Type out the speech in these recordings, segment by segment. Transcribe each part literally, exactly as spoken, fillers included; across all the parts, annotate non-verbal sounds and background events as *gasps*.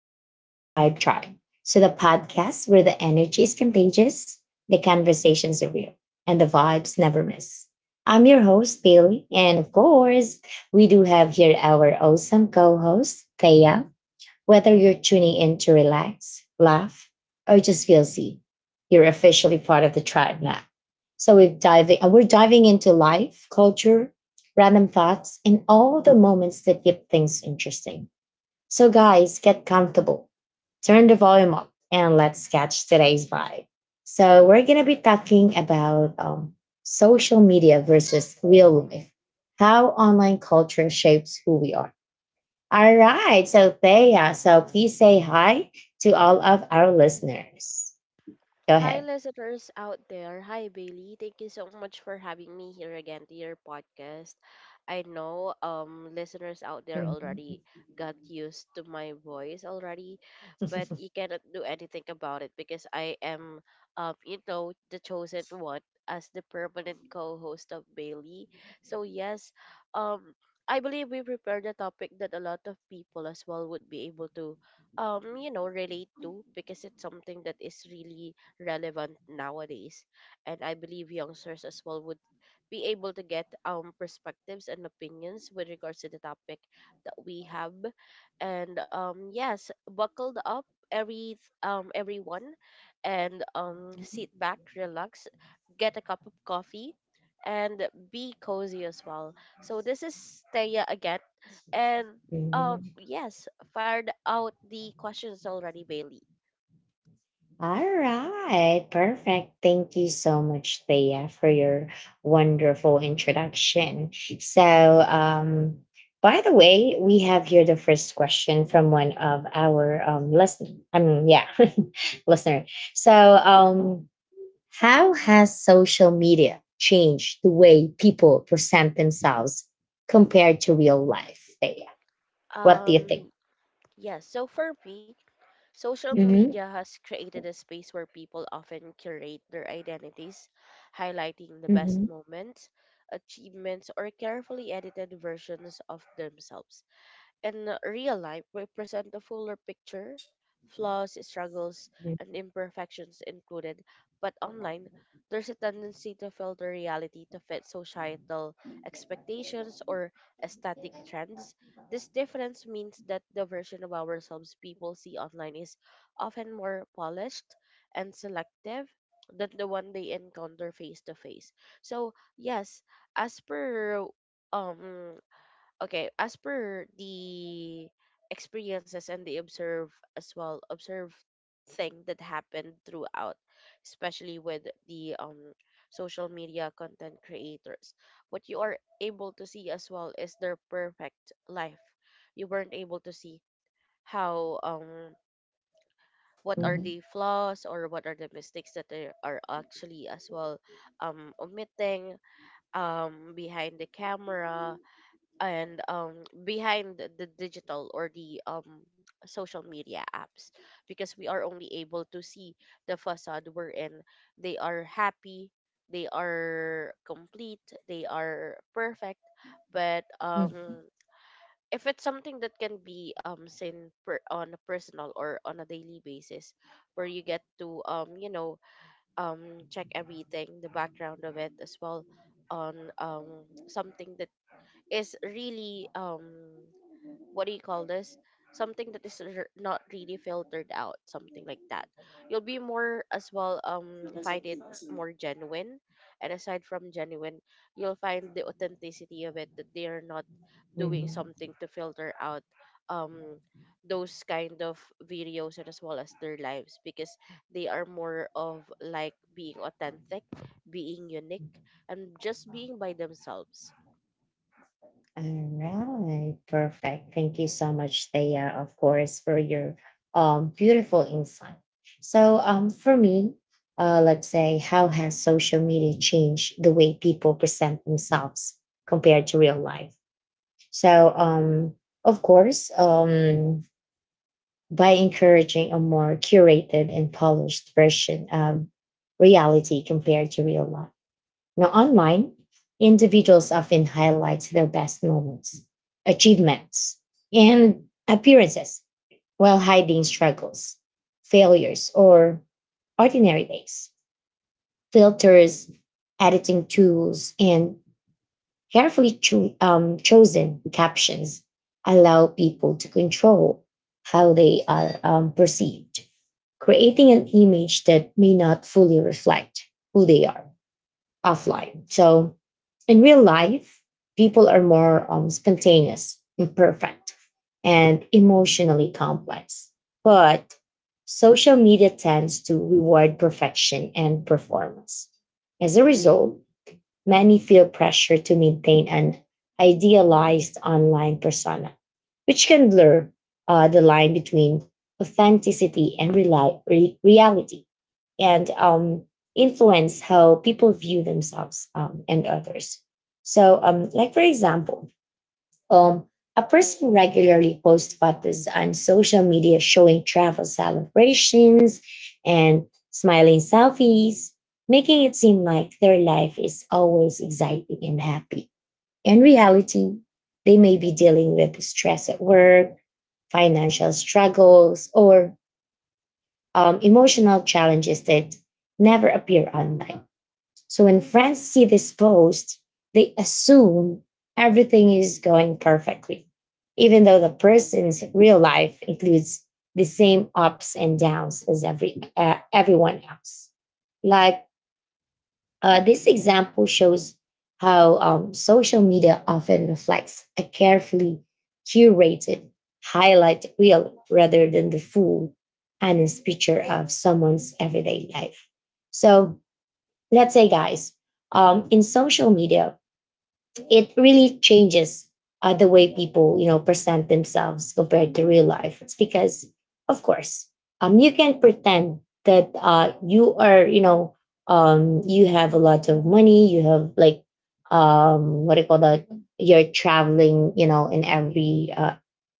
Welcome to the Vibe Tribe. So, the podcast where the energy is contagious, the conversations are real, and the vibes never miss. I'm your host, Bailey. And of course, we do have here our awesome co host, Thea. Whether you're tuning in to relax, laugh, or just feel seen, you're officially part of the tribe now. So, we're diving, uh, we're diving into life, culture, random thoughts, and all the moments that keep things interesting. So, guys, get comfortable, turn the volume up, and let's catch today's vibe. So, we're going to be talking about um, social media versus real life, how online culture shapes who we are. All right. So, Thea, so please say hi to all of our listeners. Go Hi, ahead. listeners out there. Hi, Bailey. Thank you so much for having me here again to your podcast. I know um listeners out there already got used to my voice already, but you cannot do anything about it because I am um you know the chosen one as the permanent co-host of Bailey. So yes, um I believe we prepared a topic that a lot of people as well would be able to um you know relate to because it's something that is really relevant nowadays. And I believe youngsters as well would be able to get um perspectives and opinions with regards to the topic that we have. And um yes, buckled up every um everyone and um sit back, relax, get a cup of coffee and be cozy as well. So this is Thea again and uh *laughs* yes, fired out the questions already, Bailey. All right, perfect. Thank you so much, Thea, for your wonderful introduction. So, um, by the way, we have here the first question from one of our um, listener. I mean, yeah, *laughs* listener. So, um, how has social media changed the way people present themselves compared to real life, Thea? What do you think? Um Yes, so for me, social Mm-hmm. media has created a space where people often curate their identities, highlighting the best Mm-hmm. moments, achievements, or carefully edited versions of themselves. In real life, we present a fuller picture, flaws, struggles, and imperfections included, but online, there's a tendency to filter reality to fit societal expectations or aesthetic trends. This difference means that the version of ourselves people see online is often more polished and selective than the one they encounter face to face. So, yes, as per um okay as per the experiences and the observe as well observe thing that happened throughout, especially with the um social media content creators. What you are able to see as well is their perfect life. You weren't able to see how, um what are Mm-hmm. the flaws or what are the mistakes that they are actually as well um omitting um behind the camera and um behind the the digital or the um social media apps, because we are only able to see the facade. We're in, they are happy, they are complete, they are perfect. But um if it's something that can be um seen per, on a personal or on a daily basis, where you get to um you know um check everything, the background of it as well, on um something that is really um what do you call this, something that is r- not really filtered out, something like that, you'll be more as well um find it more genuine. And aside from genuine, you'll find the authenticity of it, that they are not doing Mm-hmm. something to filter out, um those kind of videos and as well as their lives, because they are more of like being authentic, being unique, and just being by themselves. All right, perfect. Thank you so much, Thea, of course, for your um beautiful insight. So, um for me, uh let's say, how has social media changed the way people present themselves compared to real life? So, um of course, um by encouraging a more curated and polished version of reality compared to real life. Now, online, individuals often highlight their best moments, achievements, and appearances while hiding struggles, failures, or ordinary days. Filters, editing tools, and carefully cho- um, chosen captions allow people to control how they are um, perceived, creating an image that may not fully reflect who they are offline. So in real life, people are more um, spontaneous, imperfect, and emotionally complex. But social media tends to reward perfection and performance. As a result, many feel pressure to maintain an idealized online persona, which can blur uh, the line between authenticity and reli- re- reality, and um, influence how people view themselves um, and others. So, um, like for example, um, a person regularly posts photos on social media showing travel celebrations and smiling selfies, making it seem like their life is always exciting and happy. In reality, they may be dealing with stress at work, financial struggles, or um, emotional challenges that never appear online. So when friends see this post, they assume everything is going perfectly, even though the person's real life includes the same ups and downs as every uh, everyone else. Like, uh, this example shows how um, social media often reflects a carefully curated highlight reel rather than the full, honest picture of someone's everyday life. So let's say, guys, um, in social media it really changes uh, the way people, you know, present themselves compared to real life. It's because, of course, um, you can pretend that, uh, you are, you know um, you have a lot of money, you have like, um, what do you call that, you're traveling, you know in every, uh,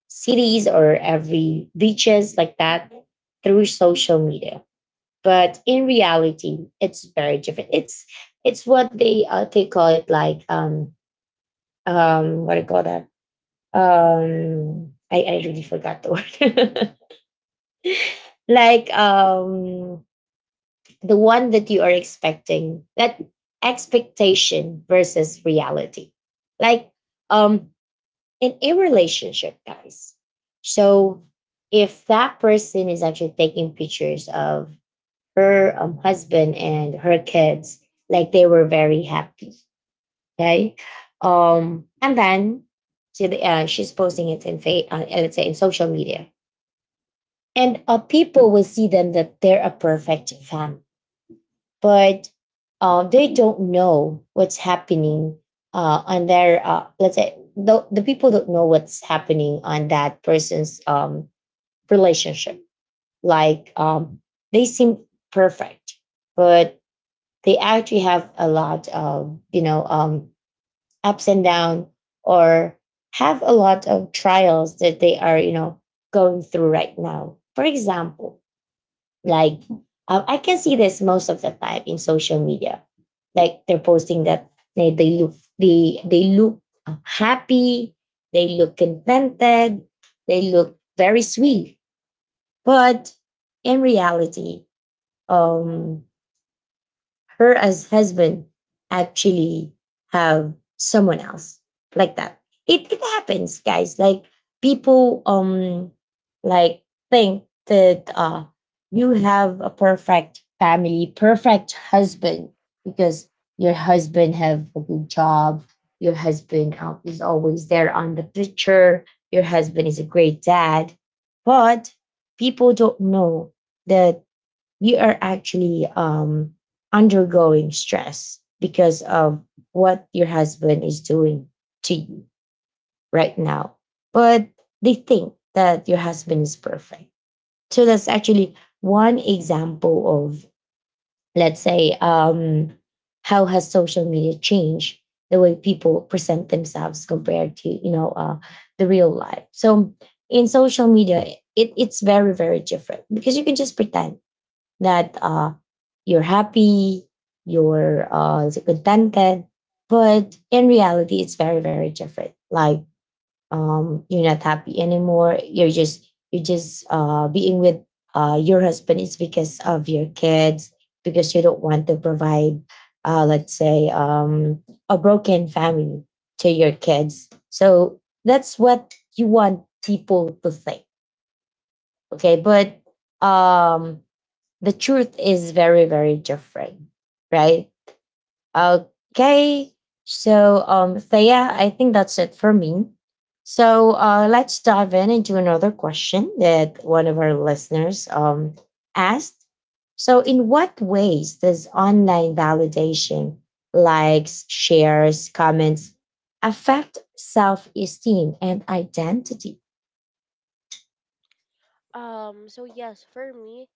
cities or every beaches like that, through social media. But in reality it's very different. it's it's what they, uh, they call it, like, um um what do you call that, um i i really forgot the word. *laughs* Like, um the one that you are expecting, that expectation versus reality. Like, um in a relationship, guys. So if that person is actually taking pictures of her um, husband and her kids, like they were very happy, okay, um and then she, uh, she's posting it in fa- uh, let's say, in social media, and, uh, people will see them, that they're a perfect family. But, uh, they don't know what's happening, uh, on their, uh, let's say, the, the people don't know what's happening on that person's um, relationship. Like, um, they seem perfect, but they actually have a lot of, you know, um, ups and down, or have a lot of trials that they are, you know going through right now. For example, like, uh, I can see this most of the time in social media, like they're posting that they, they look they they look happy, they look contented, they look very sweet. But in reality, um her as husband actually have someone else, like that. It it happens, guys. Like people, um like, think that, uh you have a perfect family, perfect husband, because your husband have a good job, your husband um, is always there on the picture, your husband is a great dad. But people don't know that you are actually um, undergoing stress because of what your husband is doing to you right now. But they think that your husband is perfect. So that's actually one example of, let's say, um, how has social media changed the way people present themselves compared to, you know, uh, the real life. So in social media, it, it's very, very different, because you can just pretend that, uh, you're happy, you're, uh, contented. But in reality, it's very, very different. Like, um, you're not happy anymore. You're just you're just uh, being with, uh, your husband is because of your kids, because you don't want to provide, uh, let's say, um, a broken family to your kids. So that's what you want people to think. Okay, but, um, the truth is very, very different, right? Yes. Okay. So, um, Thea, I think that's it for me. So, uh, let's dive in into another question that one of our listeners um, asked. So, in what ways does online validation, likes, shares, comments, affect self esteem and identity? Um, so yes, for me,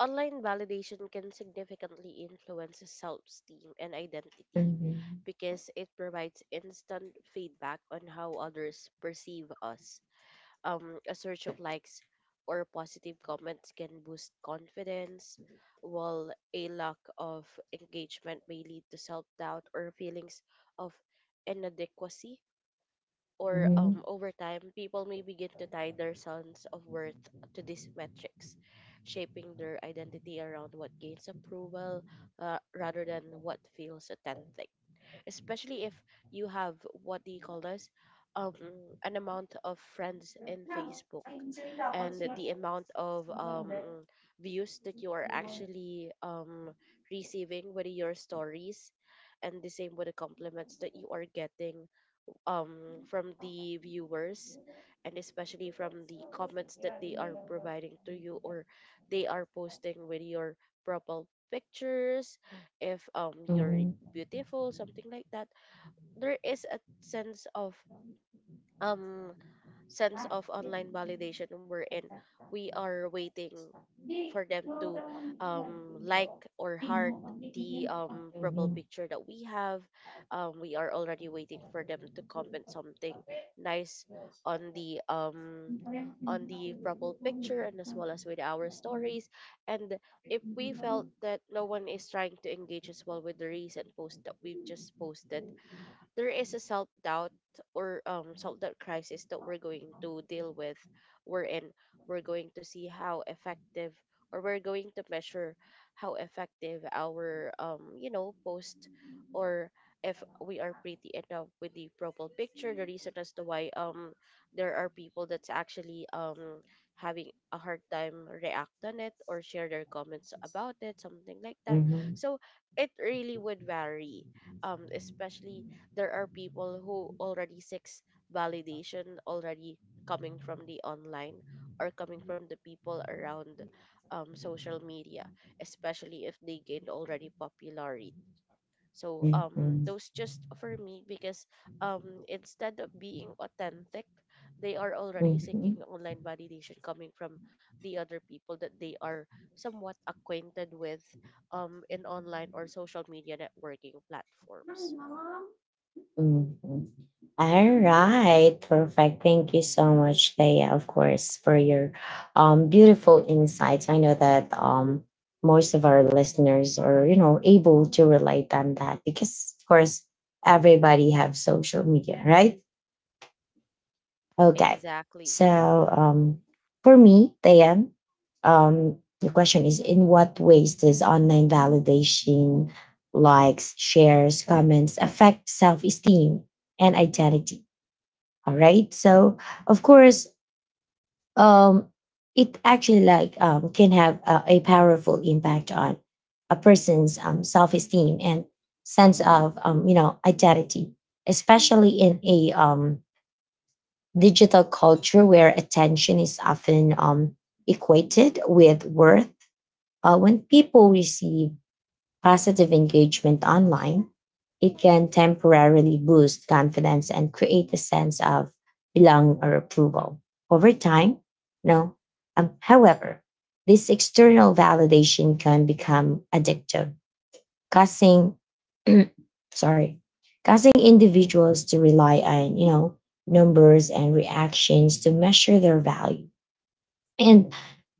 online validation can significantly influence self-esteem and identity Mhm. because it provides instant feedback on how others perceive us. Um, a search of likes or positive comments can boost confidence, while a lack of engagement may lead to self-doubt or feelings of inadequacy, or um, Mhm. over time, people may begin to tie their sense of worth to these metrics, shaping their identity around what gains approval uh, rather than what feels authentic. Especially if you have, what do you call this? Um, an amount of friends in Facebook, and the amount of um, views that you are actually um, receiving with your stories, and the same with the compliments that you are getting um from the viewers, and especially from the comments that they are providing to you or they are posting with your profile pictures, if um you're Mm. beautiful, something like that, there is a sense of um sense of online validation wherein we are waiting Hindi, for them yung to dalawang kanan um, dito, like or tingnan heart mo, the magiging ako. um, profile Mhm. picture that we have. Um, we are already waiting for them to comment something nice on the um, on the profile picture and as well as with our stories. And if we felt that no one is trying to engage as well with the recent post that we've just posted, there is a self doubt or um self doubt crisis that we're going to deal with. We're in. We're going to see how effective, or we're going to measure how effective our um you know post, or if we are pretty enough with the profile picture. The reason as to why um there are people that's actually um having a hard time react on it or share their comments about it, something like that. Mhm. So it really would vary, um especially there are people who already seeks validation already, coming from the online or coming from the people around um, social media, especially if they gained already popularity. So um, Mhm. those just for me, because um, instead of being authentic, they are already seeking Mhm. online validation coming from the other people that they are somewhat acquainted with um, in online or social media networking platforms. Ma'am, mhm. All right, perfect. Thank you so much, Thea, of course, for your um, beautiful insights. I know that, um, most of our listeners are, you know, able to relate on that, because, of course, everybody have social media, right? Okay. Exactly. So, um, for me, Thea, um, the question is: in what ways does online validation, likes, shares, comments, affect self-esteem and identity? All right, so, of course, um it actually like, um, can have a, a, powerful impact on a person's um, self-esteem and sense of, um, you know, identity, especially in a um, digital culture where attention is often um, equated with worth. Uh, when people receive positive engagement online, it can temporarily boost confidence and create a sense of belonging or approval over time. No. Um, however, this external validation can become addictive, causing *clears throat* sorry, causing individuals to rely on, you know, numbers and reactions to measure their value, and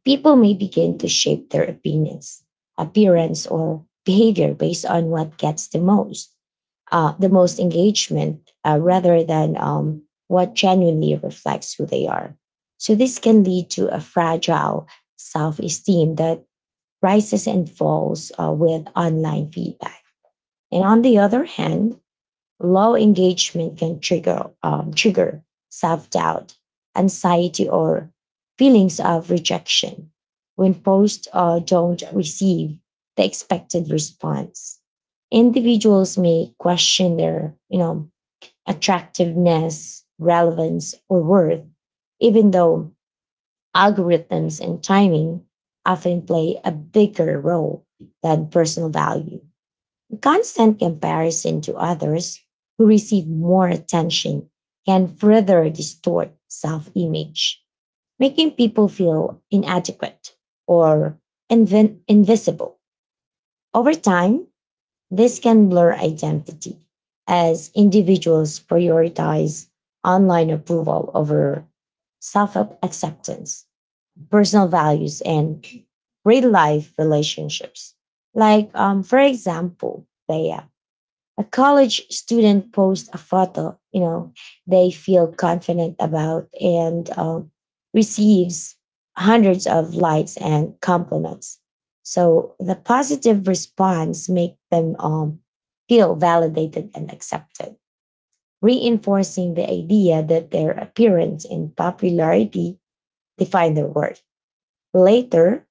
people may begin to shape their opinions, appearance, or behavior based on what gets the most, uh, the most engagement, uh, rather than um, what genuinely reflects who they are. So this can lead to a fragile self-esteem that rises and falls, uh, with online feedback. And on the other hand, low engagement can trigger um, trigger self doubt, anxiety, or feelings of rejection when posts, uh, don't receive the expected response. Individuals may question their, you know, attractiveness, relevance, or worth, even though algorithms and timing often play a bigger role than personal value. Constant comparison to others who receive more attention can further distort self image, making people feel inadequate or invi- invisible. Over time, this can blur identity as individuals prioritize online approval over self acceptance, personal values, and real life relationships. Like, um, for example, Bea, a college student posts a photo, you know, they feel confident about, and um, receives hundreds of likes and compliments. So the positive response make them um, feel validated and accepted, reinforcing the idea that their appearance and popularity define their worth. Later,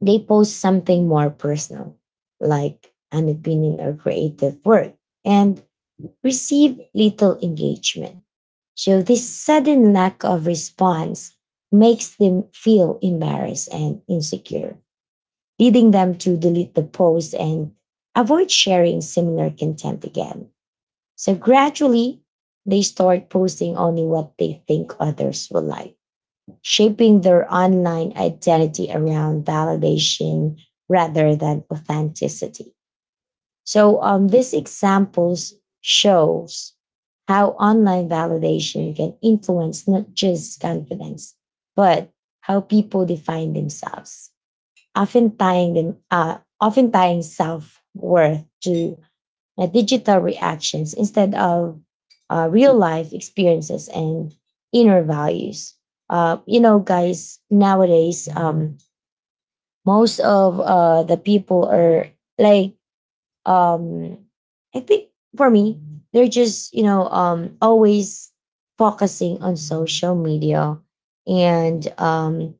they post something more personal, like an opinion or creative work, and receive little engagement. So this sudden lack of response makes them feel embarrassed and insecure, leading them to delete the post and avoid sharing similar content again. So, gradually, they start posting only what they think others will like, shaping their online identity around validation rather than authenticity. So, um, these examples shows how online validation can influence not just confidence, but how people define themselves, often tying them, uh, often tying self worth to, uh, digital reactions instead of, uh, real life experiences and inner values. Uh, you know, guys, nowadays, um, most of, uh, the people are, like, um I think for me they're just, you know, um always focusing on social media, and um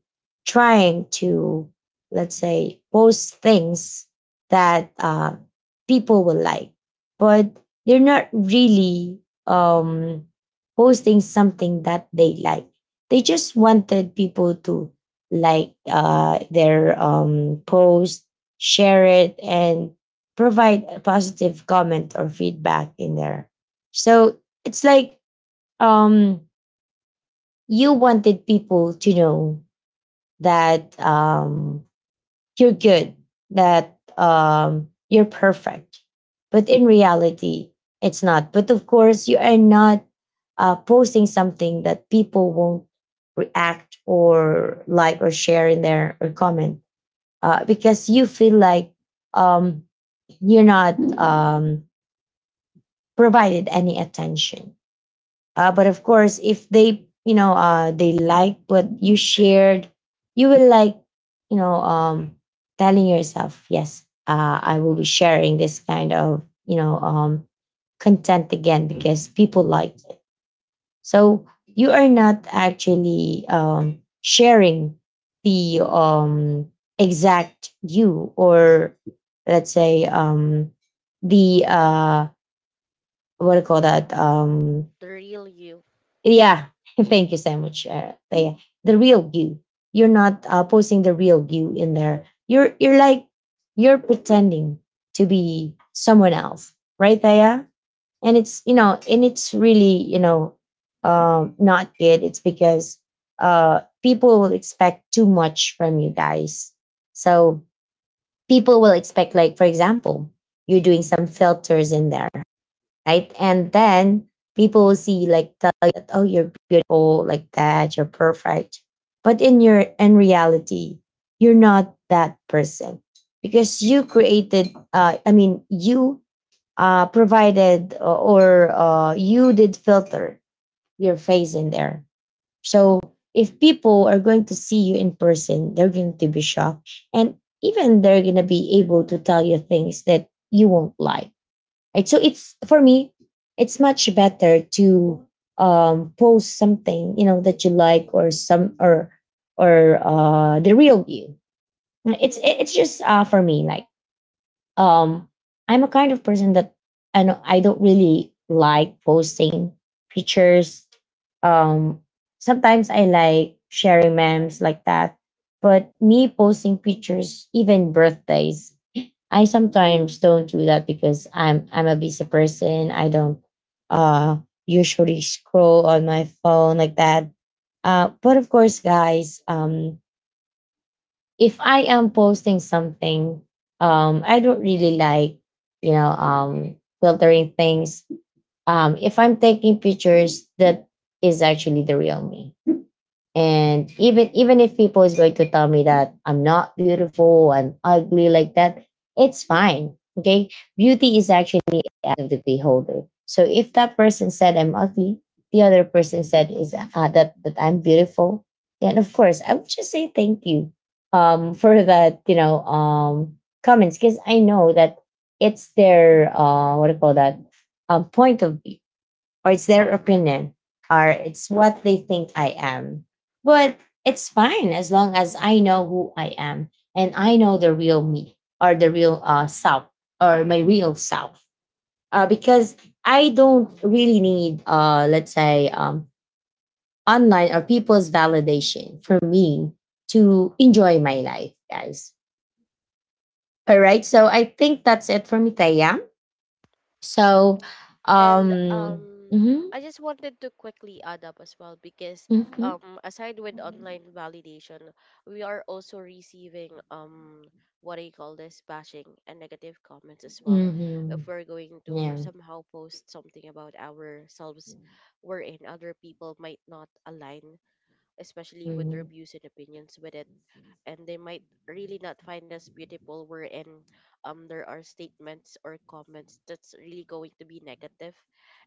trying to, let's say, post things that, uh people will like, but they're not really, um posting something that they like. They just wanted people to like, uh their um post, share it, and provide a positive comment or feedback in there. So it's like, um, you wanted people to know that, um, you're good, that, um, you're perfect. But in reality, it's not. But of course, you are not uh, posting something that people won't react or like or share in there or comment uh, because you feel like um, you're not um, provided any attention. Uh, but of course, if they, you know, uh, they like what you shared, you will like, you know, um, telling yourself, yes, uh, I will be sharing this kind of, you know, um, content again because people liked it. So you are not actually um, sharing the um, exact you or let's say um, the uh, what do you call that um, The real you. Yeah, *laughs* thank you so much, uh, Taya. The real you. You're not uh, posting the real you in there. You're you're like you're pretending to be someone else, right, Taya? And it's you know, and it's really you know, um, not good. It's because uh, people will expect too much from you guys. So people will expect, like for example, you're doing some filters in there, right? And then people will see like tell you that, oh, you're beautiful, like that, you're perfect. But in your in reality, you're not that person because you created. Uh, I mean, you uh, provided uh, or uh, you did filter your face in there. So if people are going to see you in person, they're going to be shocked, and even they're going to be able to tell you things that you won't like. Right. So it's for me, it's much better to um, post something you know that you like or some or or uh, the real you. It's it's just uh, for me like um I'm a kind of person that I know I don't really like posting pictures. um Sometimes I like sharing memes like that, but me posting pictures, even birthdays, I sometimes don't do that because i'm i'm a busy person. I don't uh usually scroll on my phone like that. Uh but of course, guys um if I am posting something, um, I don't really like, you know, um, filtering things. Um, if I'm taking pictures, that is actually the real me. And even even if people is going to tell me that I'm not beautiful, I'm ugly like that, it's fine. Okay. Beauty is actually out of the beholder. So if that person said I'm ugly, the other person said is uh, that that I'm beautiful, then of course I would just say thank you um *laughs* for that, you know, um comments because I know that it's their uh what do you call that um point of view, or it's their opinion, or it's what they think I am. But it's fine as long as I know who I am, and I know the real me, or the real uh, self, or my real self. Uh, because I don't really need, uh, let's say, um, online or people's validation for me to enjoy my life, guys. All right. So I think that's it for me, Taya. So, And um, um, mhm, I just wanted to quickly add up as well, because mhm, um, aside with online validation, we are also receiving um, what I call this bashing and negative comments as well. If mhm. we're going to Yeah. somehow post something about ourselves, wherein other people might not align, especially with their Mm-hmm. views and opinions with it, and they might really not find us beautiful, wherein um there are statements or comments that's really going to be negative.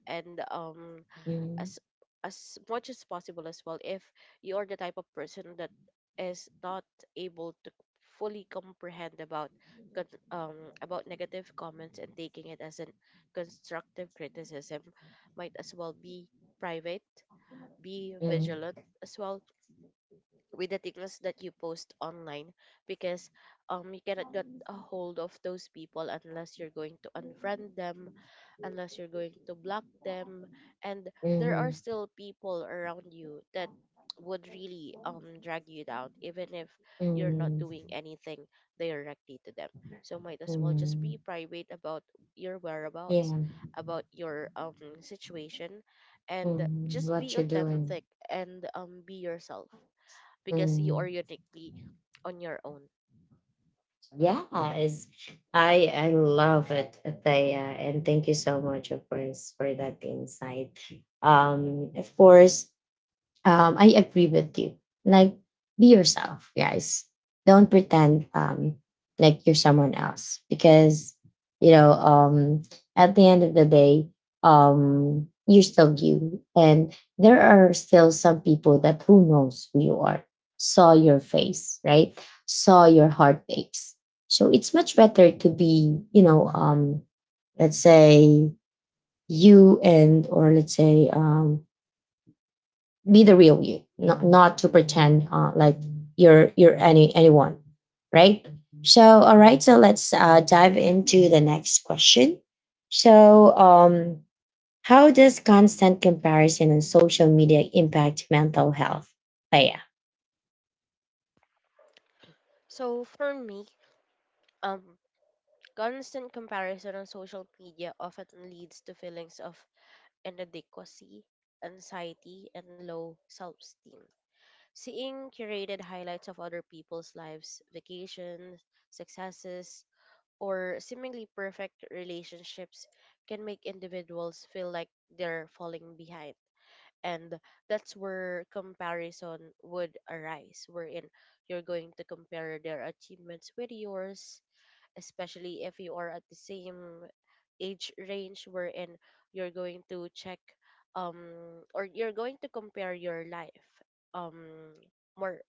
And um Mm-hmm. as as much as possible as well, if you're the type of person that is not able to fully comprehend about con- um about negative comments and taking it as an constructive criticism, might as well be private, be vigilant as well with the things that you post online, because um you cannot get a hold of those people unless you're going to unfriend them, unless you're going to block them. And there are Mm-hmm. still people around you that would really um drag you down, even if you're not Mm-hmm. doing anything directly to them. So might as well just Mm-hmm. be private about your whereabouts, Yeah. about your um situation, and Mm-hmm. just be What you're doing. authentic and um be yourself, because you Mm-hmm. are uniquely on your own. Yeah, is I I love it, Thea, and thank you so much, of course, for that insight. Um, of course, um, I agree with you. Like, be yourself, guys. Don't pretend um, like you're someone else because, you know, um, at the end of the day, um, you're still you. And there are still some people that who knows who you are, saw your face, right? Saw your heartaches. So it's much better to be, you know, um, let's say you, and, or let's say, um, be the real you, not not to pretend uh, like you're you're any anyone, right? So all right, so let's uh, dive into the next question. So um, how does constant comparison on social media impact mental health? Oh, yeah. So for me, um, constant comparison on social media often leads to feelings of inadequacy, anxiety, and low self-esteem. Seeing curated highlights of other people's lives, vacations, successes, or seemingly perfect relationships can make individuals feel like they're falling behind. And that's where comparison would arise, wherein you're going to compare their achievements with yours, especially if you are at the same age range, wherein you're going to check um or you're going to compare your life um more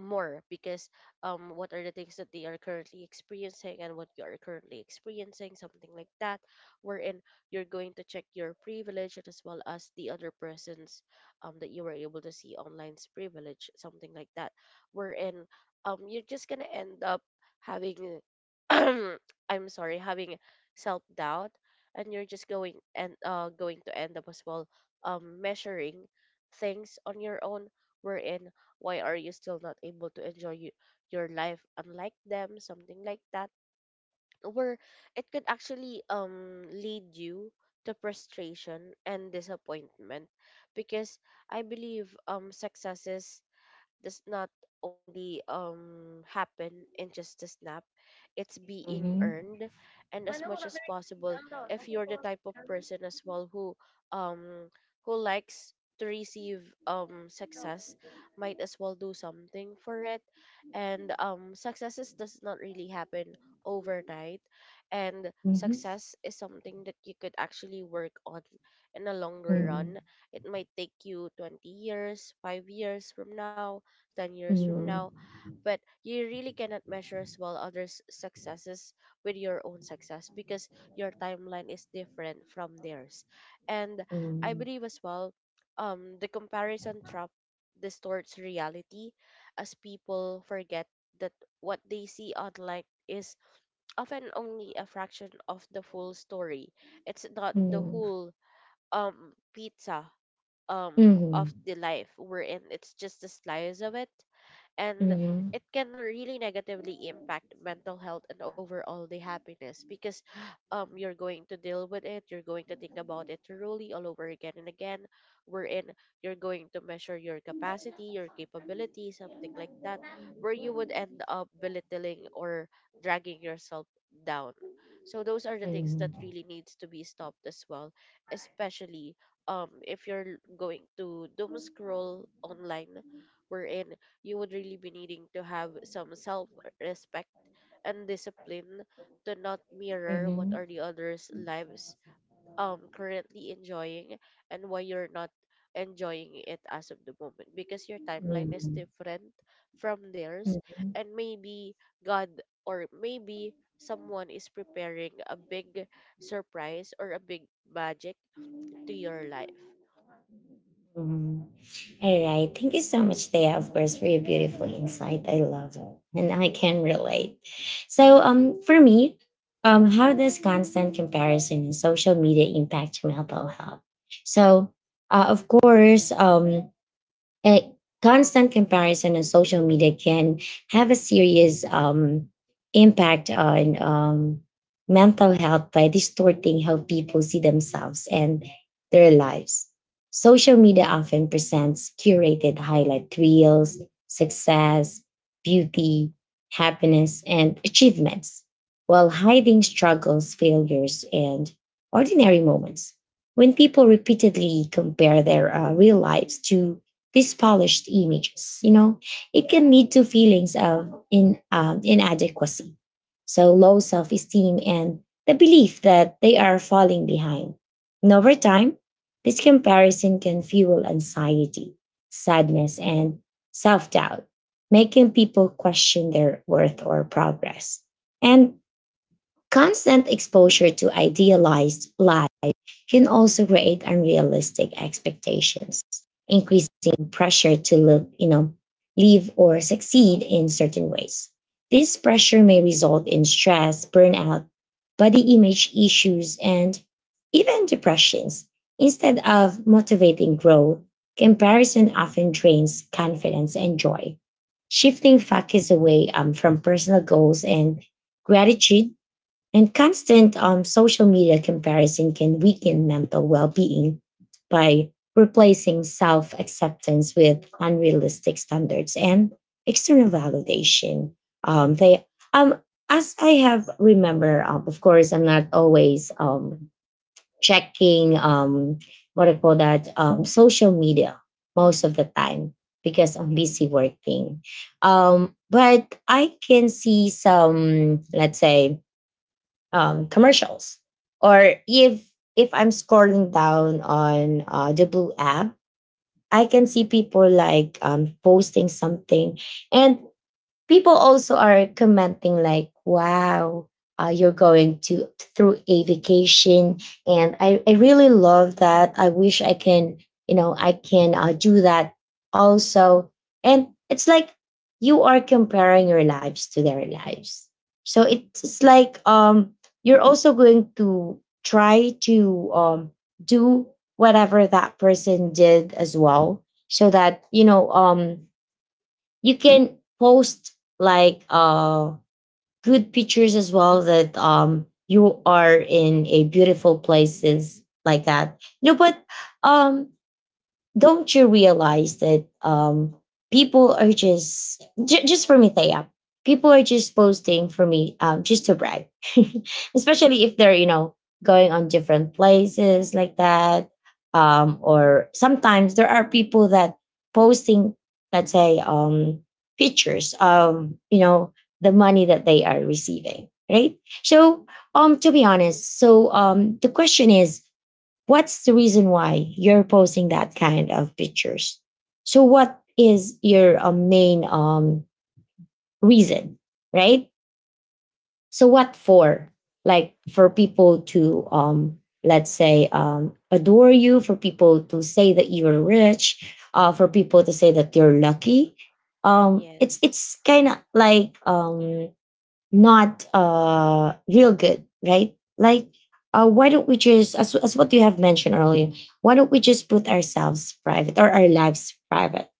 more, because um what are the things that they are currently experiencing and what you are currently experiencing, something like that, wherein you're going to check your privilege and as well as the other person's, um that you were able to see online's privilege, something like that, wherein um you're just gonna end up having *clears throat* I'm sorry, having self doubt, and you're just going and uh going to end up as well um measuring things on your own, wherein why are you still not able to enjoy you, your life unlike them? Something like that. Where it could actually um lead you to frustration and disappointment, because I believe um successes does not only um happen in just a snap, it's being Mm-hmm. earned. And as much as possible, if you're the type of person as well who um who likes to receive um success, might as well do something for it. And um successes does not really happen overnight, and Mm-hmm. success is something that you could actually work on in a longer Mm-hmm. run. It might take you twenty years, five years from now, ten years from now, but you really cannot measure as well others' successes with your own success because your timeline is different from theirs. And I Mm-hmm. believe as well, um, the comparison trap distorts reality, as people forget that what they see online is often only a fraction of the full story. It's not the Mm-hmm. whole um pizza um of Mm-hmm. the life we're in. It's just a slice of it, and it can really negatively impact mental health and overall the happiness, because *gasps* um you're going to deal with it, you're going to think about it thoroughly all over again and again, wherein you're going to measure your capacity, your capability, something like that, where you would end up belittling or dragging yourself down. So those are the things that Mm-hmm. Mm-hmm. really needs to be stopped as well, especially um if you're going to doom scroll online, wherein you would really be needing to have some self respect and discipline to not mirror what Mm-hmm. are the others' lives um currently enjoying, and why you're not enjoying it as of the moment, because your timeline is Mm-hmm. different from theirs. Yeah. And maybe God, or maybe someone is preparing a big surprise or a big magic to your life. Mhm. All right. Thank you so much, Thea, of course, for your beautiful insight. I love it. And I can relate. So um for me, um, how does constant comparison in social media impact mental health? So uh, of course, um, a constant comparison on social media can have a serious um, impact on um, mental health by distorting how people see themselves and their lives. Social media often presents curated highlight reels, success, beauty, happiness, and achievements, while hiding struggles, failures, and ordinary moments. When people repeatedly compare their uh, real lives to these polished images, you know, it can lead to feelings of in, um, inadequacy, so low self esteem, and the belief that they are falling behind. And over time, this comparison can fuel anxiety, sadness, and self doubt, making people question their worth or progress. And constant exposure to idealized lives can also create unrealistic expectations, increasing pressure to look, you know, live or succeed in certain ways. This pressure may result in stress, burnout, body image issues, and even depressions. Instead of motivating growth, comparison often drains confidence and joy, shifting focus away um, from personal goals and gratitude. And constant um, social media comparison can weaken mental well being by replacing self acceptance with unrealistic standards and external validation. Um, they, um, as I have remember, um, of course, I'm not always um, checking um, what I call that um, social media most of the time because I'm busy working. Um, but I can see some, let's say, um, commercials. Or if if I'm scrolling down on uh, the blue app, I can see people like um, posting something, and people also are commenting like, wow, uh, you're going to through a vacation, and I, I really love that. I wish I can, you know, I can uh, do that also. And it's like you are comparing your lives to their lives. So it's, it's like um you're also going to try to um do whatever that person did as well, so that, you know, um you can post like uh good pictures as well that um you are in a beautiful places like that, you know. But um don't you realize that um people are just j- just for me, Thea, people are just posting, for me, um just to brag, *laughs* especially if they're, you know, going on different places like that. Um or sometimes there are people that posting, let's say, um pictures of, you know, the money that they are receiving, right? So um to be honest, so um the question is, what's the reason why you're posting that kind of pictures? So what is your uh, main um reason, right? So what for? Like, for people to um let's say um adore you, for people to say that you're rich, uh for people to say that you're lucky. um it's Yes. it's kind of like um not uh real good, right? Like uh why don't we just, as as what you have mentioned earlier, why don't we just put ourselves private, or our lives private?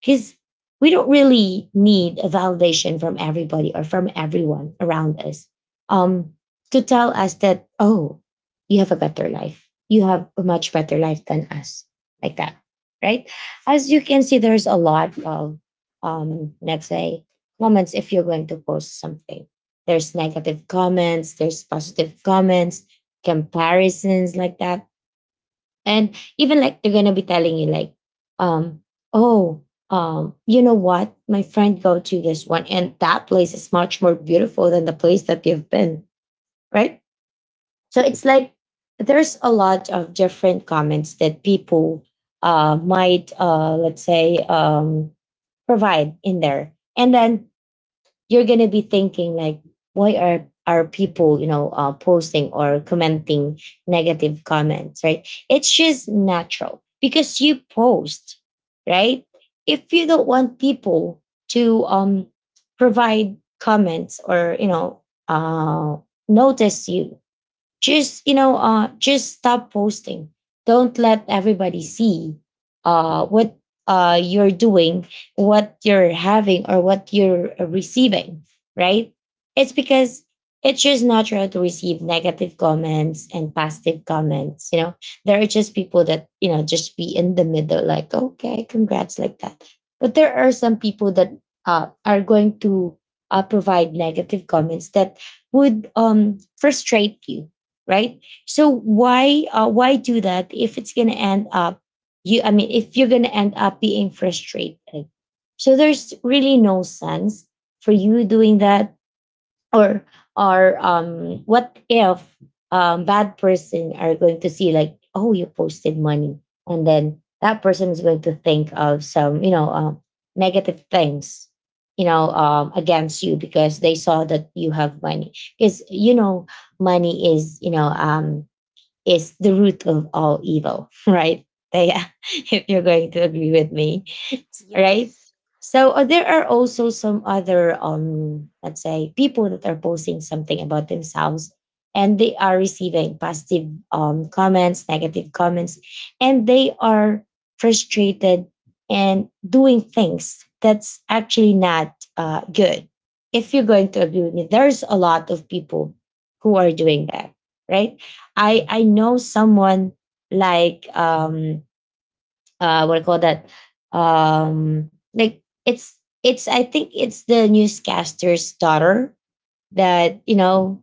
Because we don't really need a validation from everybody or from everyone around us, um, to tell us that, oh, you have a better life. You have a much better life than us, like that, right? As you can see, there's a lot of, um, let's say, comments if you're going to post something. There's negative comments, there's positive comments, comparisons like that. And even like they're gonna be telling you like, um, oh, um, you know what? My friend go to this one, and that place is much more beautiful than the place that you've been, right? So it's like there's a lot of different comments that people uh might uh let's say um provide in there. And then you're gonna be thinking like, why are are people, you know, uh, posting or commenting negative comments, right? It's just natural because you post, right? If you don't want people to um provide comments, or you know, uh notice you, just, you know, uh just stop posting. Don't let everybody see uh what uh you're doing, what you're having, or what you're uh, receiving, right? It's because it's just natural to receive negative comments and positive comments, you know. There are just people that, you know, just be in the middle like, okay, congrats, like that. But there are some people that uh, are going to uh, provide negative comments that would um, frustrate you, right? So why uh, why do that if it's going to end up you I mean if you're going to end up being frustrated. So there's really no sense for you doing that, or or um what if um bad person are going to see like, oh, you posted money, and then that person is going to think of some, you know, um, negative things, you know, um, against you because they saw that you have money, because, you know, money is, you know, um, is the root of all evil, *laughs* right? Thea, *laughs* if you're going to agree with me, *laughs* right? Yes. So uh, there are also some other, um, let's say, people that are posting something about themselves, and they are receiving positive um, comments, negative comments, and they are frustrated and doing things that's actually not uh, good. If you're going to agree with me, there's a lot of people who are doing that, right? I I know someone like um uh what do you call that, um like it's it's I think it's the newscaster's daughter that you know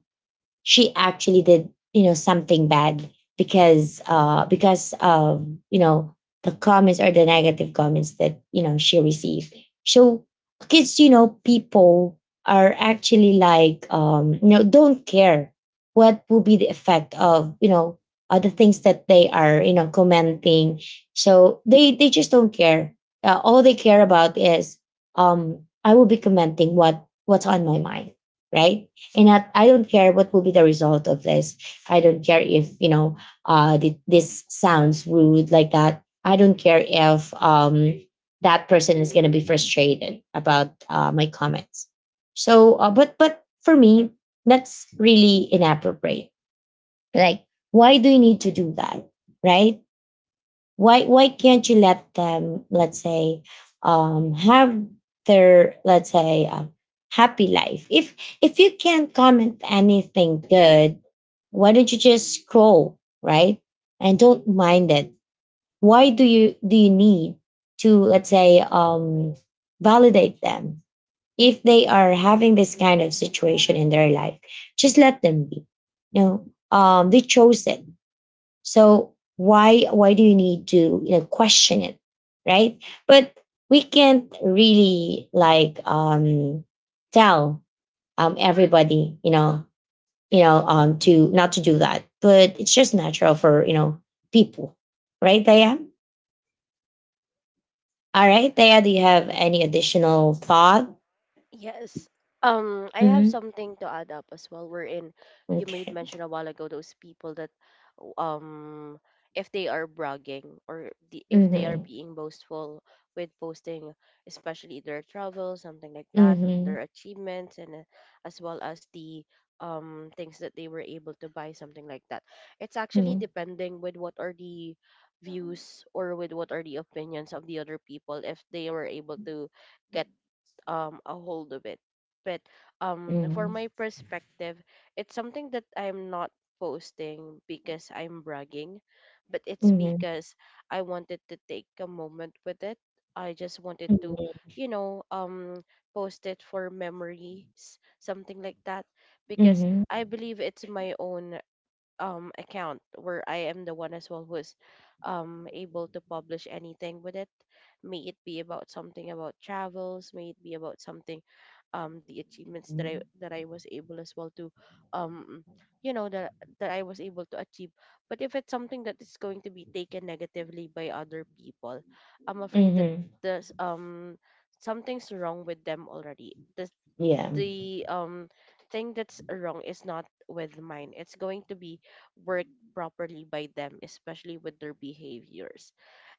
she actually did you know something bad because uh because of you know the comments or the negative comments that you know she received. So kids, you know people are actually like um you know don't care what will be the effect of you know uh, the things that they are you know commenting. So they they just don't care. Uh, all they care about is, um I will be commenting what what's on my mind, right? And I, I don't care what will be the result of this. I don't care if, you know uh th- this sounds rude like that. I don't care if um that person is going to be frustrated about uh, my comments. So uh, but but for me, that's really inappropriate. Like, why do you need to do that, right? Why why can't you let them, let's say, um have their, let's say, um, happy life, if if you can't comment anything good? Why don't you just scroll, right, and don't mind it? Why do you do you need to, let's say, um validate them if they are having this kind of situation in their life? Just let them be. You know, um they chose it. So why why do you need to, you know, question it, right? But we can't really, like, um, tell um, everybody, you know you know um, to not to do that. But it's just natural for, you know people, right? Daya, all right, Daya, do you have any additional thought? Yes. Um, I have Hmm. something to add up as well. Wherein you made Okay. mention a while ago those people that, um, if they are bragging or the, if they are Hmm. being boastful with posting, especially their travel, something like that, Hmm. their achievements, and uh, as well as the um things that they were able to buy, something like that. It's actually Hmm. depending with what are the views or with what are the opinions of the other people if they were able to get um a hold of it, but um for Mm-hmm. my perspective, it's something that I'm not posting because I'm bragging, but it's Mm-hmm. because I wanted to take a moment with it. I just wanted to you know um post it for memories, something like that, because I Mm-hmm. believe it's my own um account where I am the one as well who's um able to publish anything with it. May it be about something about travels, may it be about something um the achievements that I Mm-hmm. that I was able as well to um you know that that I was able to achieve. But if it's something that is going to be taken negatively by other people, I'm afraid that Mm-hmm. there's um something's wrong with them already. This Yeah. the um thing that's wrong is not with mine. It's going to be worked properly by them, especially with their behaviors.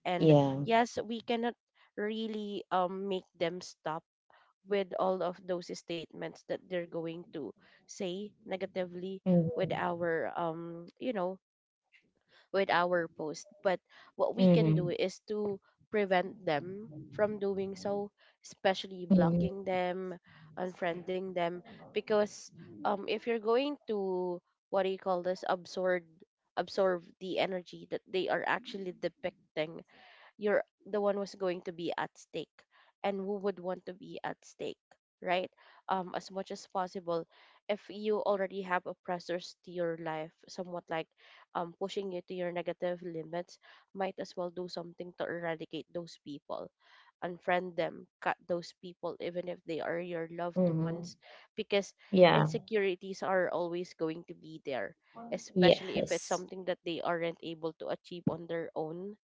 And Yeah. yes, we cannot really um make them stop with all of those statements that they're going to say negatively with Mhm, our um you know with our post. But what we can mhm, do is to prevent them from doing so, especially mhm, blocking them, unfriending them, because um, if you're going to, what do you call this, absorb, absorb the energy that they are actually depicting, you're the one who's going to be at stake, and who would want to be at stake, right? Um as much as possible, if you already have oppressors to your life, somewhat like um pushing you to your negative limits, might as well do something to eradicate those people, unfriend them, cut those people even if they are your loved mhm. ones, because Yeah, insecurities are always going to be there, especially if it's yes. something that they aren't able to achieve on their own,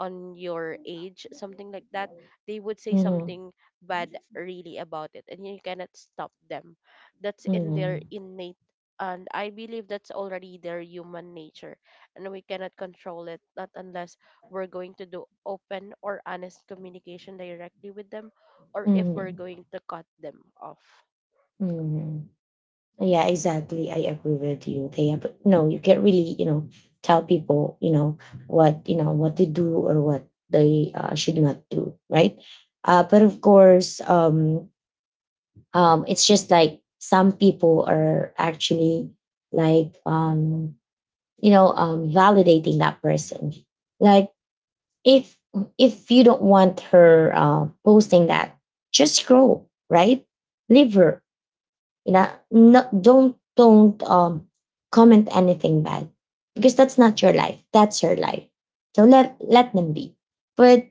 on your age, something like that, they would say Mhm. something bad really about it, and you cannot stop them. That's in their Mhm, innate, and I believe that's already their human nature, and we cannot control it, not unless we're going to do open or honest communication directly with them, or if we're mhm, going to cut them off. mhm. Yeah, exactly. I agree with you. They But no, you can't really, you know, tell people, you know, what, you know, what to do or what they uh, should not do, right? Uh, but of course, um, um, it's just like some people are actually like, um, you know, um, validating that person. Like, if if you don't want her uh, posting that, just scroll, right? Leave her. You know, not don't don't um comment anything bad because that's not your life. That's her life. So let let them be. But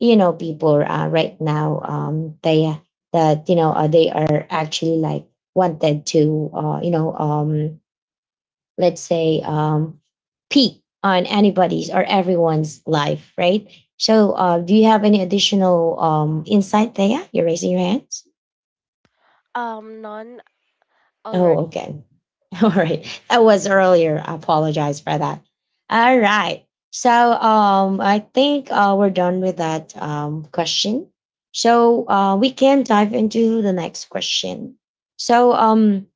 you know, people uh, right now, um, they that you know uh, they are actually like wanted to uh, you know um let's say, um, peak on anybody's or everyone's life, right? So uh, do you have any additional um, insight there? You're raising your hands. Um, none Oh, already. okay. *laughs* All right, that was earlier. I apologize for that. All right, so um, I think uh, we're done with that um, question. So uh, we can dive into the next question. so um,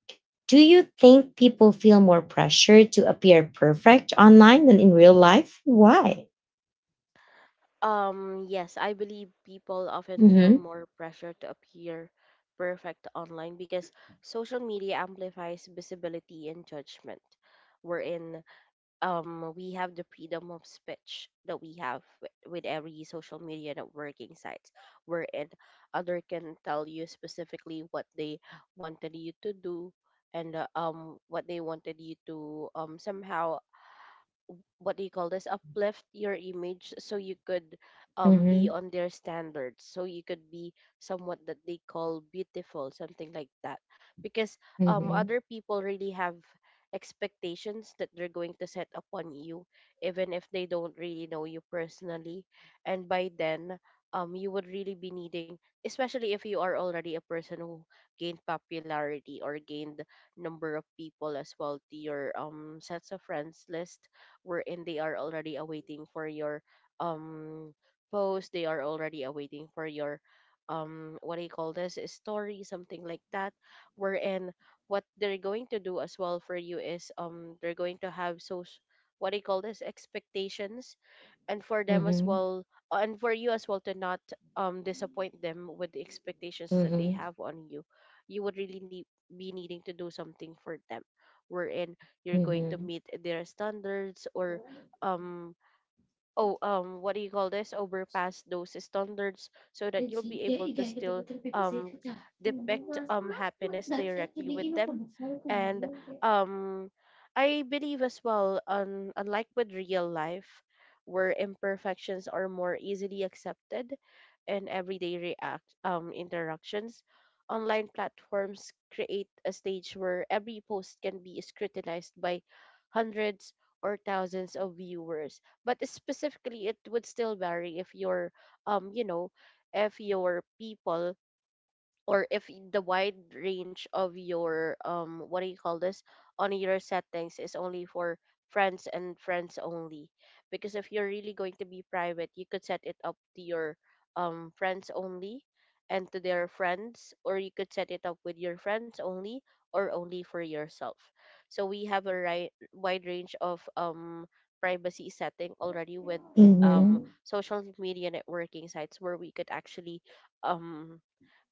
Do you think people feel more pressure to appear perfect online than in real life? Why? Um, yes, I believe people often feel Mm-hmm. more pressure to appear perfect online because social media amplifies visibility and judgment. Wherein um, we have the freedom of speech that we have with, with every social media networking sites, wherein other can tell you specifically what they wanted you to do, and uh, um what they wanted you to, um somehow, what do you call this, uplift your image, so you could um be Mm-hmm. on their standards, so you could be somewhat that they call beautiful, something like that, because um Mm-hmm. other people really have expectations that they're going to set upon you even if they don't really know you personally. And by then, um you would really be needing, especially if you are already a person who gained popularity or gained number of people as well to your um sets of friends list, wherein they are already awaiting for your um post, they are already awaiting for your um what do you call this, a story, something like that, wherein what they're going to do as well for you is, um they're going to have so, what do you call this, expectations. And for them Mm-hmm. as Mm-hmm. well, uh, and for you as well, to not um disappoint them with the expectations that they Mm-hmm. have on you, you would really need, be needing to do something for them, wherein you're Mm-hmm. going to Mm-hmm. meet their standards, or um oh um what do you call this, overpass those standards, so that you'll be able to still um depict um happiness directly with them. And um I believe as well, on unlike with real life where imperfections are more easily accepted in everyday react um interactions, online platforms create a stage where every post can be scrutinized by hundreds or thousands of viewers. But specifically, it would still vary if your um you know if your people, or if y- the wide range of your um what do you call this, on your settings is only for friends and friends only, because if you're really going to be private, you could set it up to your um friends only and to their friends, or you could set it up with your friends only, or only for yourself. So we have a ri- wide range of um privacy setting already with um social media networking sites, where we could actually um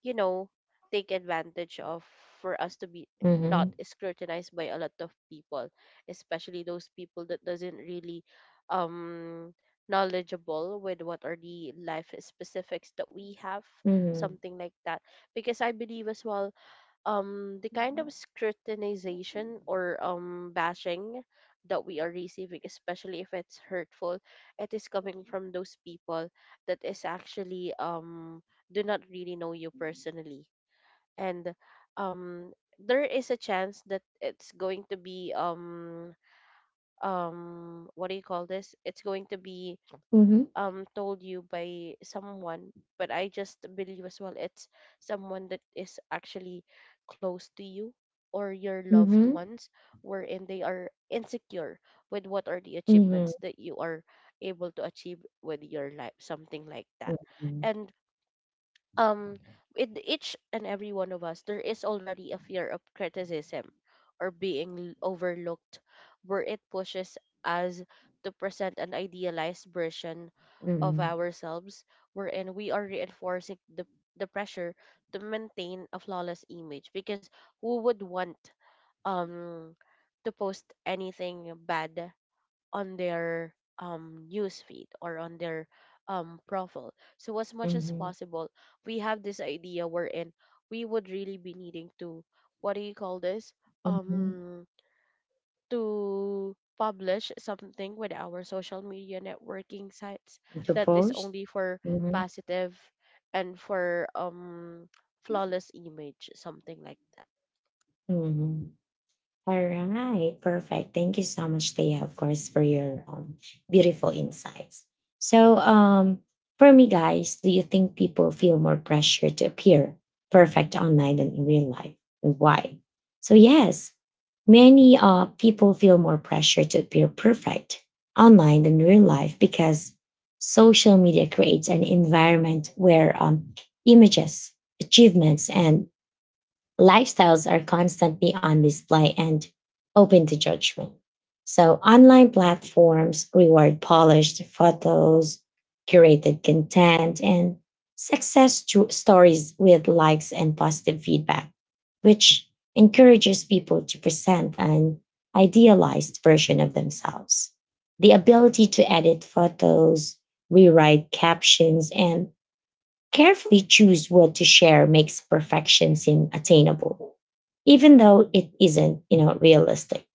you know take advantage of, for us to be not Mm-hmm. scrutinized by a lot of people, especially those people that doesn't really um knowledgeable with what are the life specifics that we have, Mm-hmm. Mm-hmm. Mm-hmm. something like that. Because I believe as well, um the kind of scrutinization or um bashing that we are receiving, especially if it's hurtful, it is coming from those people that is actually, um do not really know you personally. And um there is a chance that it's going to be um um what do you call this, it's going to be um told you by someone, but I just believe as well it's someone that is actually close to you or your loved ones, wherein they are insecure with what are the Mm-hmm. achievements that you are able to achieve with your life, something like that. And um in each and every one of us there is already a fear of criticism or being l- overlooked, where it pushes us to present an idealized version of ourselves, wherein we are reinforcing the the pressure to maintain a flawless image, because who would want um to post anything bad on their um news feed or on their um profile. So as much as Mm-hmm. possible, we have this idea wherein we would really be needing to, what do you call this? Mm-hmm. Um to publish something with our social media networking sites To that is post. only for Mm-hmm. positive and for um flawless image, something like that. Mm-hmm. All right, perfect. Thank you so much, Thea, of course, for your um, beautiful insights. So, um, for me, guys, do you think people feel more pressure to appear perfect online than in real life? And why? So, yes, many uh, people feel more pressure to appear perfect online than real life because social media creates an environment where, um, images, achievements, and lifestyles are constantly on display and open to judgment. So, online platforms reward polished photos, curated content, and success tru- stories with likes and positive feedback, which encourages people to present an idealized version of themselves. The ability to edit photos, rewrite captions, and carefully choose what to share makes perfection seem attainable, even though it isn't, you know, realistic.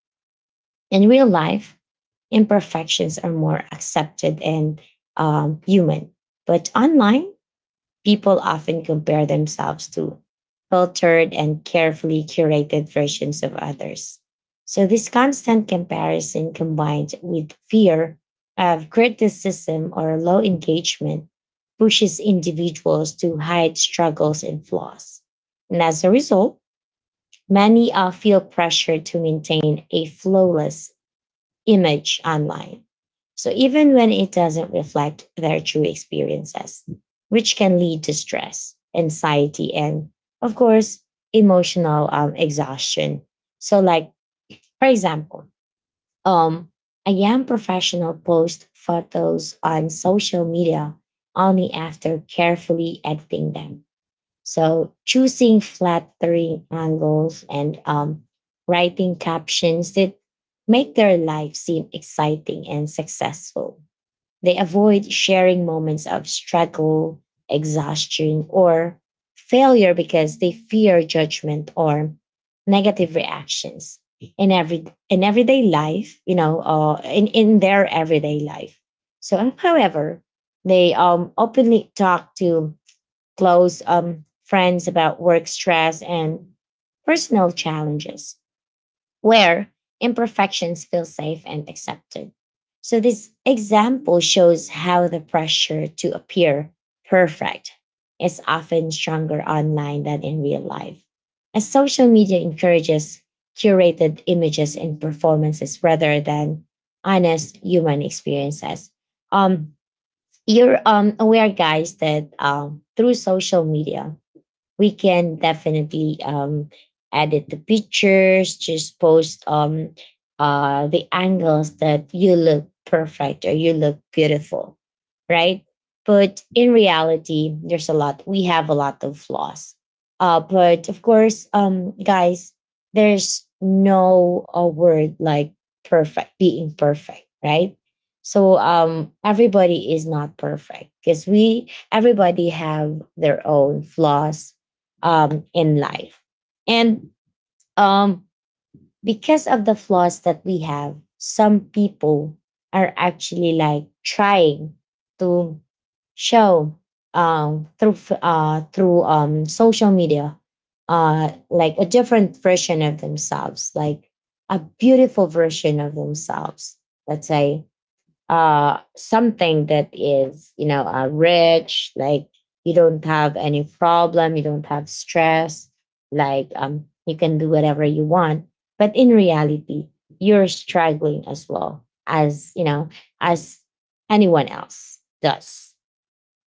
In real life, imperfections are more accepted and, um, human, but online, people often compare themselves to filtered and carefully curated versions of others. So, this constant comparison combined with fear of criticism or low engagement pushes individuals to hide struggles and flaws. And as a result, many uh, feel pressure to maintain a flawless image online. So even when it doesn't reflect their true experiences, which can lead to stress, anxiety, and, of course, emotional um, exhaustion. So, like, for example, um, a young professional posts photos on social media only after carefully editing them, so choosing flattering angles and, um, writing captions that make their life seem exciting and successful. They avoid sharing moments of struggle, exhaustion, or failure because they fear judgment or negative reactions in every in everyday life, you know, uh, in, in their everyday life. So however, they um openly talk to close um, friends about work stress and personal challenges, where imperfections feel safe and accepted. So, this example shows how the pressure to appear perfect is often stronger online than in real life, as social media encourages curated images and performances rather than honest human experiences. Um, you're um, aware, guys, that um, through social media, we can definitely, um, edit the pictures, just post um, uh, the angles that you look perfect or you look beautiful, right? But in reality, there's a lot. We have a lot of flaws. Uh, but of course, um, guys, there's no a word like perfect, being perfect, right? So um, everybody is not perfect because we everybody have their own flaws um, in life, and, um, because of the flaws that we have, some people are actually like trying to show, um, through f- uh, through um, social media, uh, like a different version of themselves, like a beautiful version of themselves. Let's say uh something that is, you know, uh, rich, like you don't have any problem, you don't have stress, like um you can do whatever you want. But in reality, you're struggling as well, as you know, as anyone else does,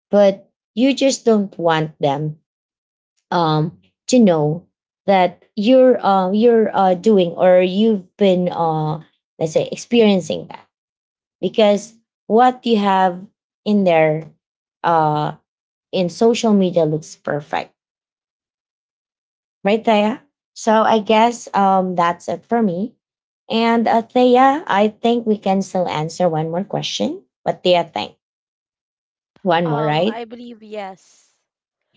but you just don't want them, um to know that you're uh, you're uh, doing, or you've been, uh let's say, experiencing that, because what you have in there, uh in social media looks perfect right there. So I guess um that's it for me. And, uh, Thea, I think we can still answer one more question. What do you think? One more, Um, right? I believe yes.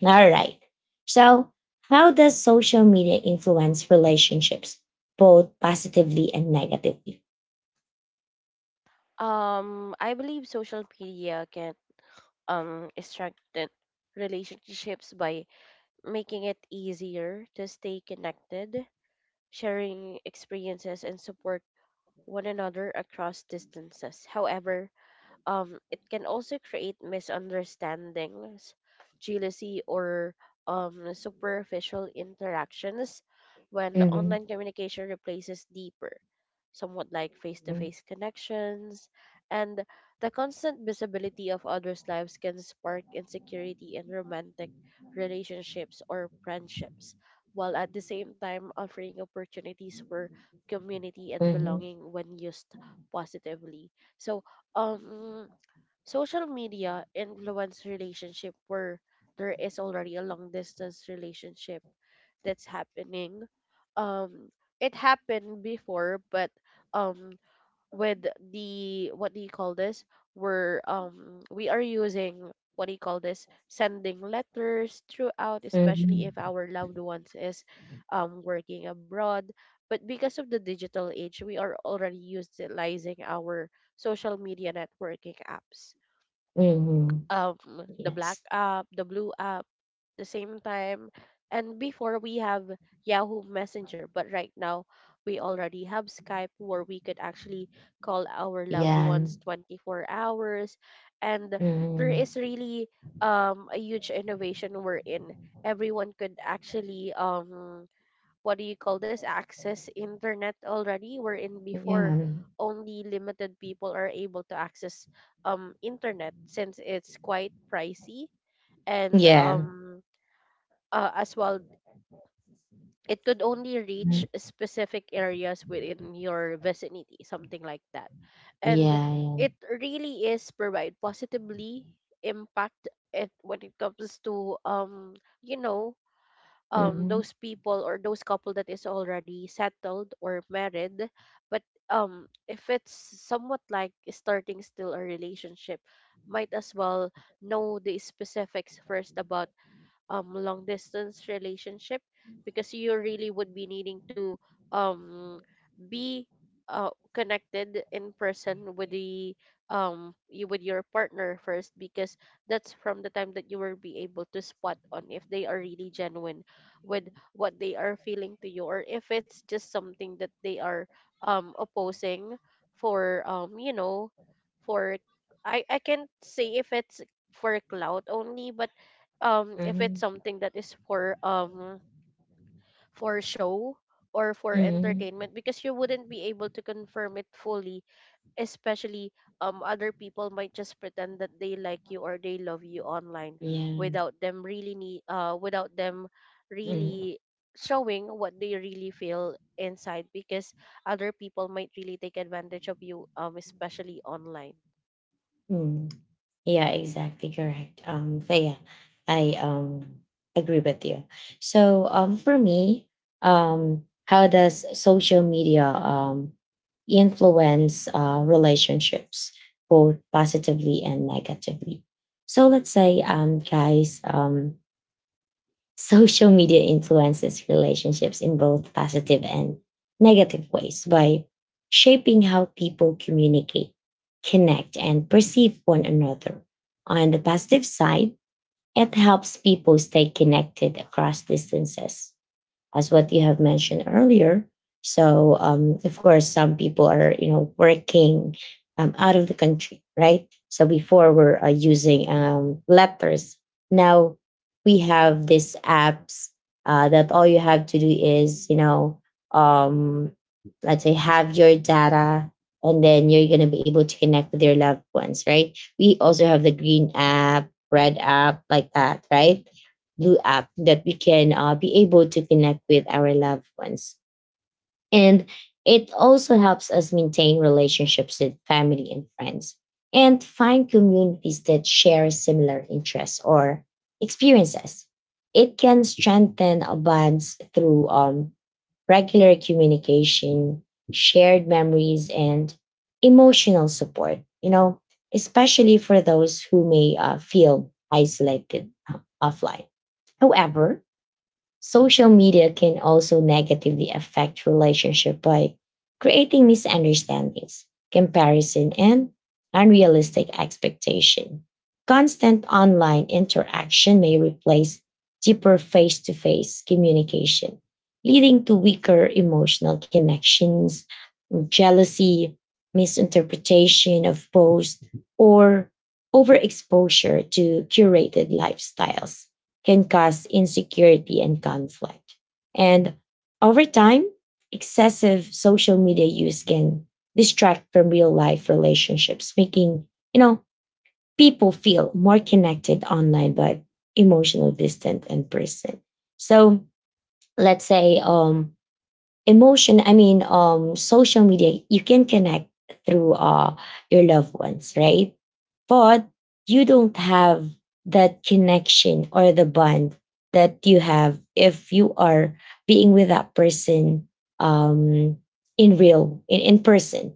All right. So, how does social media influence relationships, both positively and negatively? um, I believe social media can um, strengthen relationships by making it easier to stay connected, sharing experiences, and support one another across distances. However, um, it can also create misunderstandings, jealousy, or um, superficial interactions when Mm-hmm. online communication replaces deeper, somewhat like face to face connections. And the constant visibility of others' lives can spark insecurity in romantic relationships or friendships, while at the same time offering opportunities for community and Mm-hmm. belonging when used positively. So, um social media influence relationship where there is already a long distance relationship that's happening, um it happened before, but um with the, what do you call this, we're um we are using, what do you call this, sending letters throughout, especially if Mm-hmm. our loved ones is um working abroad. But because of the digital age, we are already utilizing our social media networking apps, Mm-hmm. um the black Yes. app, the blue app, the same time. And before we have Yahoo Messenger, but right now we already have Skype where we could actually call our loved Yeah. ones twenty-four hours. And there Mm-hmm. is really um a huge innovation we're in. Everyone could actually um what do you call this, access internet already, wherein before Yeah. only limited people are able to access um internet since it's quite pricey, and Yeah. um uh, as well, it could only reach Mhm. specific areas within your vicinity, something like that. And Yeah, yeah. it really is provide positively impact it when it comes to um you know um Mhm. those people or those couple that is already settled or married, but um if it's somewhat like starting still a relationship, might as well know the specifics first about um long distance relationship, because you really would be needing to um be uh, connected in person with the um you with your partner first, because that's from the time that you will be able to spot on if they are really genuine with what they are feeling to you, or if it's just something that they are um opposing for um you know for, I I can't say if it's for clout only, but um if it's Mhm. something that is for um for show or for Mhm. entertainment, because you wouldn't be able to confirm it fully, especially um other people might just pretend that they like you or they love you online Yeah. without them really need uh without them Mhm. really showing what they really feel inside, because other people might really take advantage of you, um especially online. Mm. Yeah, exactly correct. Um so yeah, I um agree with you. So um for me, um how does social media um influence uh relationships, both positively and negatively? So let's say, um guys, um social media influences relationships in both positive and negative ways by shaping how people communicate, connect, and perceive one another. On the positive side, it helps people stay connected across distances, as what you have mentioned earlier. So, um, of course, some people are, you know, working, um, out of the country, right? So before we're, uh, using, um, letters. Now we have these apps, uh, that all you have to do is, you know, um, let's say, have your data, and then you're going to be able to connect with your loved ones, right? We also have the green app, red app, like that, right? Blue app that we can uh, be able to connect with our loved ones. And it also helps us maintain relationships with family and friends and find communities that share similar interests or experiences. It can strengthen our bonds through, um, regular communication, shared memories, and emotional support, you know, especially for those who may uh, feel isolated, uh, offline. However, social media can also negatively affect relationship by creating misunderstandings, comparison, and unrealistic expectation. Constant online interaction may replace deeper face-to-face communication, leading to weaker emotional connections, jealousy, misinterpretation of posts, or overexposure to curated lifestyles can cause insecurity and conflict. And over time, excessive social media use can distract from real life relationships, making, you know, people feel more connected online but emotionally distant in person. So let's say, um emotion I mean, um social media, you can connect through uh your loved ones, right? But you don't have that connection or the bond that you have if you are being with that person, um in real in, in person,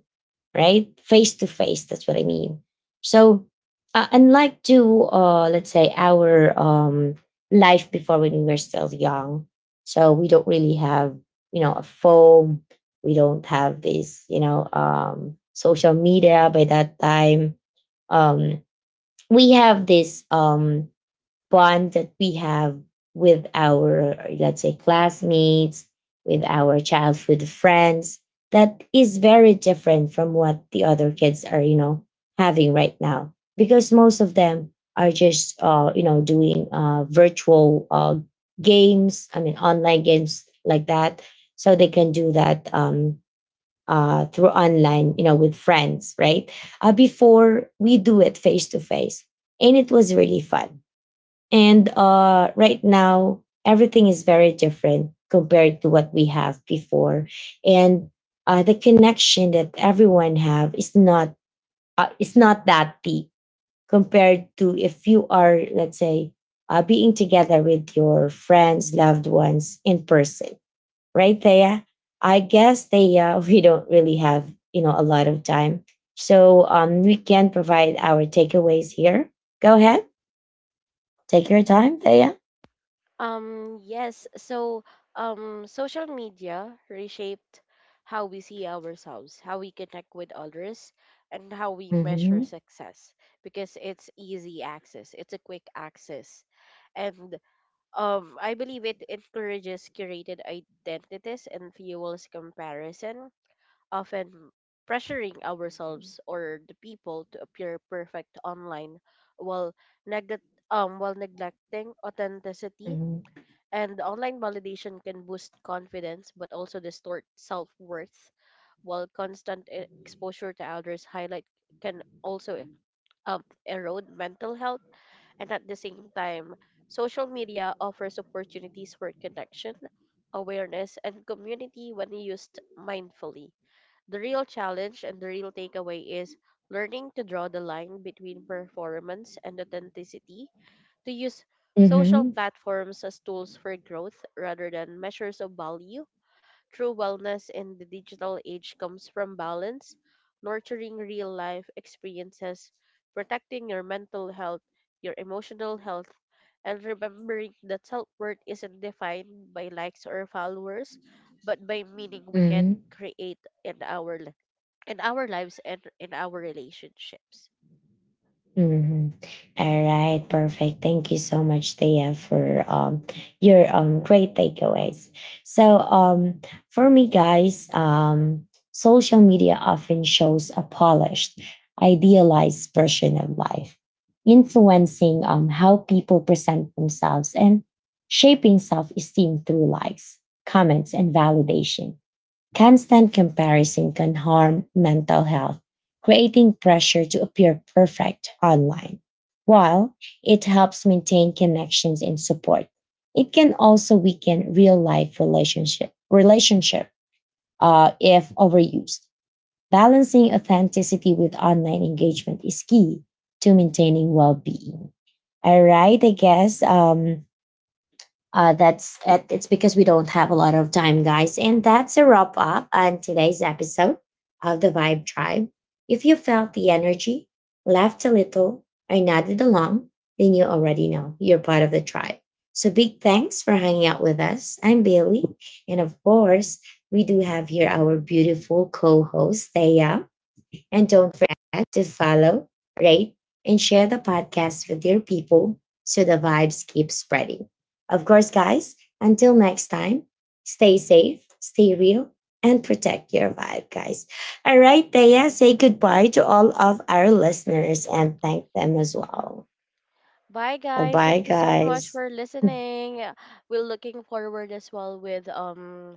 right? Face to face, that's what I mean. So, uh, unlike to, uh, let's say, our um, life before when we were still young, so we don't really have, you know, a phone, we don't have this, you know, um, social media by that time. Um, we have this um, bond that we have with our, let's say, classmates, with our childhood friends, that is very different from what the other kids are, you know, having right now. Because most of them are just, uh, you know, doing, uh, virtual, uh, games, I mean, online games like that. So they can do that, um, uh, through online, you know, with friends, right? Uh, before we do it face to face. And it was really fun, and, uh, right now, everything is very different compared to what we have before, and, uh, the connection that everyone have is not uh, is not that deep compared to if you are, let's say, uh, being together with your friends, loved ones in person, right, Thea? I guess, Thea, *laughs* we don't really have, you know, a lot of time, so, um, we can provide our takeaways here. Go ahead, take your time, Thea. Um, yes. So, um, social media reshaped how we see ourselves, how we connect with others, and how we measure Mhm. success because it's easy access, it's a quick access. And um, I believe it encourages curated identities and fuels comparison, often pressuring ourselves or the people to appear perfect online, while, neg- um, while neglecting authenticity. Mhm. And online validation can boost confidence but also distort self worth, while constant e- exposure to others' highlight can also um, erode mental health. And at the same time, social media offers opportunities for connection, awareness, and community when used mindfully. The real challenge and the real takeaway is learning to draw the line between performance and authenticity, to use social Mhm. platforms as tools for growth rather than measures of value. True wellness in the digital age comes from balance, nurturing real life experiences, protecting your mental health, your emotional health, and remembering that self worth isn't defined by likes or followers, but by meaning we can Mhm. create in our li- in our lives and in our relationships. Mhm. All right, perfect. Thank you so much, Thea, for, um your um great takeaways. So um for me, guys, um social media often shows a polished, idealized version of life, influencing um how people present themselves and shaping self-esteem through likes, comments, and validation. Constant comparison can harm mental health, creating pressure to appear perfect online. While it helps maintain connections and support, it can also weaken real life relationship relationship uh, if overused. Balancing authenticity with online engagement is key to maintaining well being. All right, I guess, um, uh, that's it- it's because we don't have a lot of time, guys. And that's a wrap up on today's episode of the Vibe Tribe. If you felt the energy, laughed a little, or nodded along, then you already know you're part of the tribe. So big thanks for hanging out with us. I'm Bailey, and of course, we do have here our beautiful co-host Thea. And don't forget to follow, rate, and share the podcast with your people so the vibes keep spreading. Of course, guys, until next time, stay safe, stay real, and protect your vibe, guys. All right, Thea, say goodbye to all of our listeners and thank them as well. Bye guys. Bye, Thank you so much guys. for listening. Uh, We're looking forward as well with um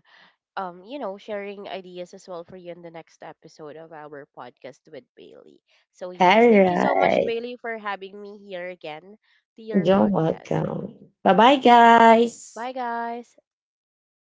um you know sharing ideas as well for you in the next episode of our podcast with Bailey. So yes, All thank you so much, right. Bailey, for having me here again to your You're podcast. welcome. Bye bye, guys. Bye guys.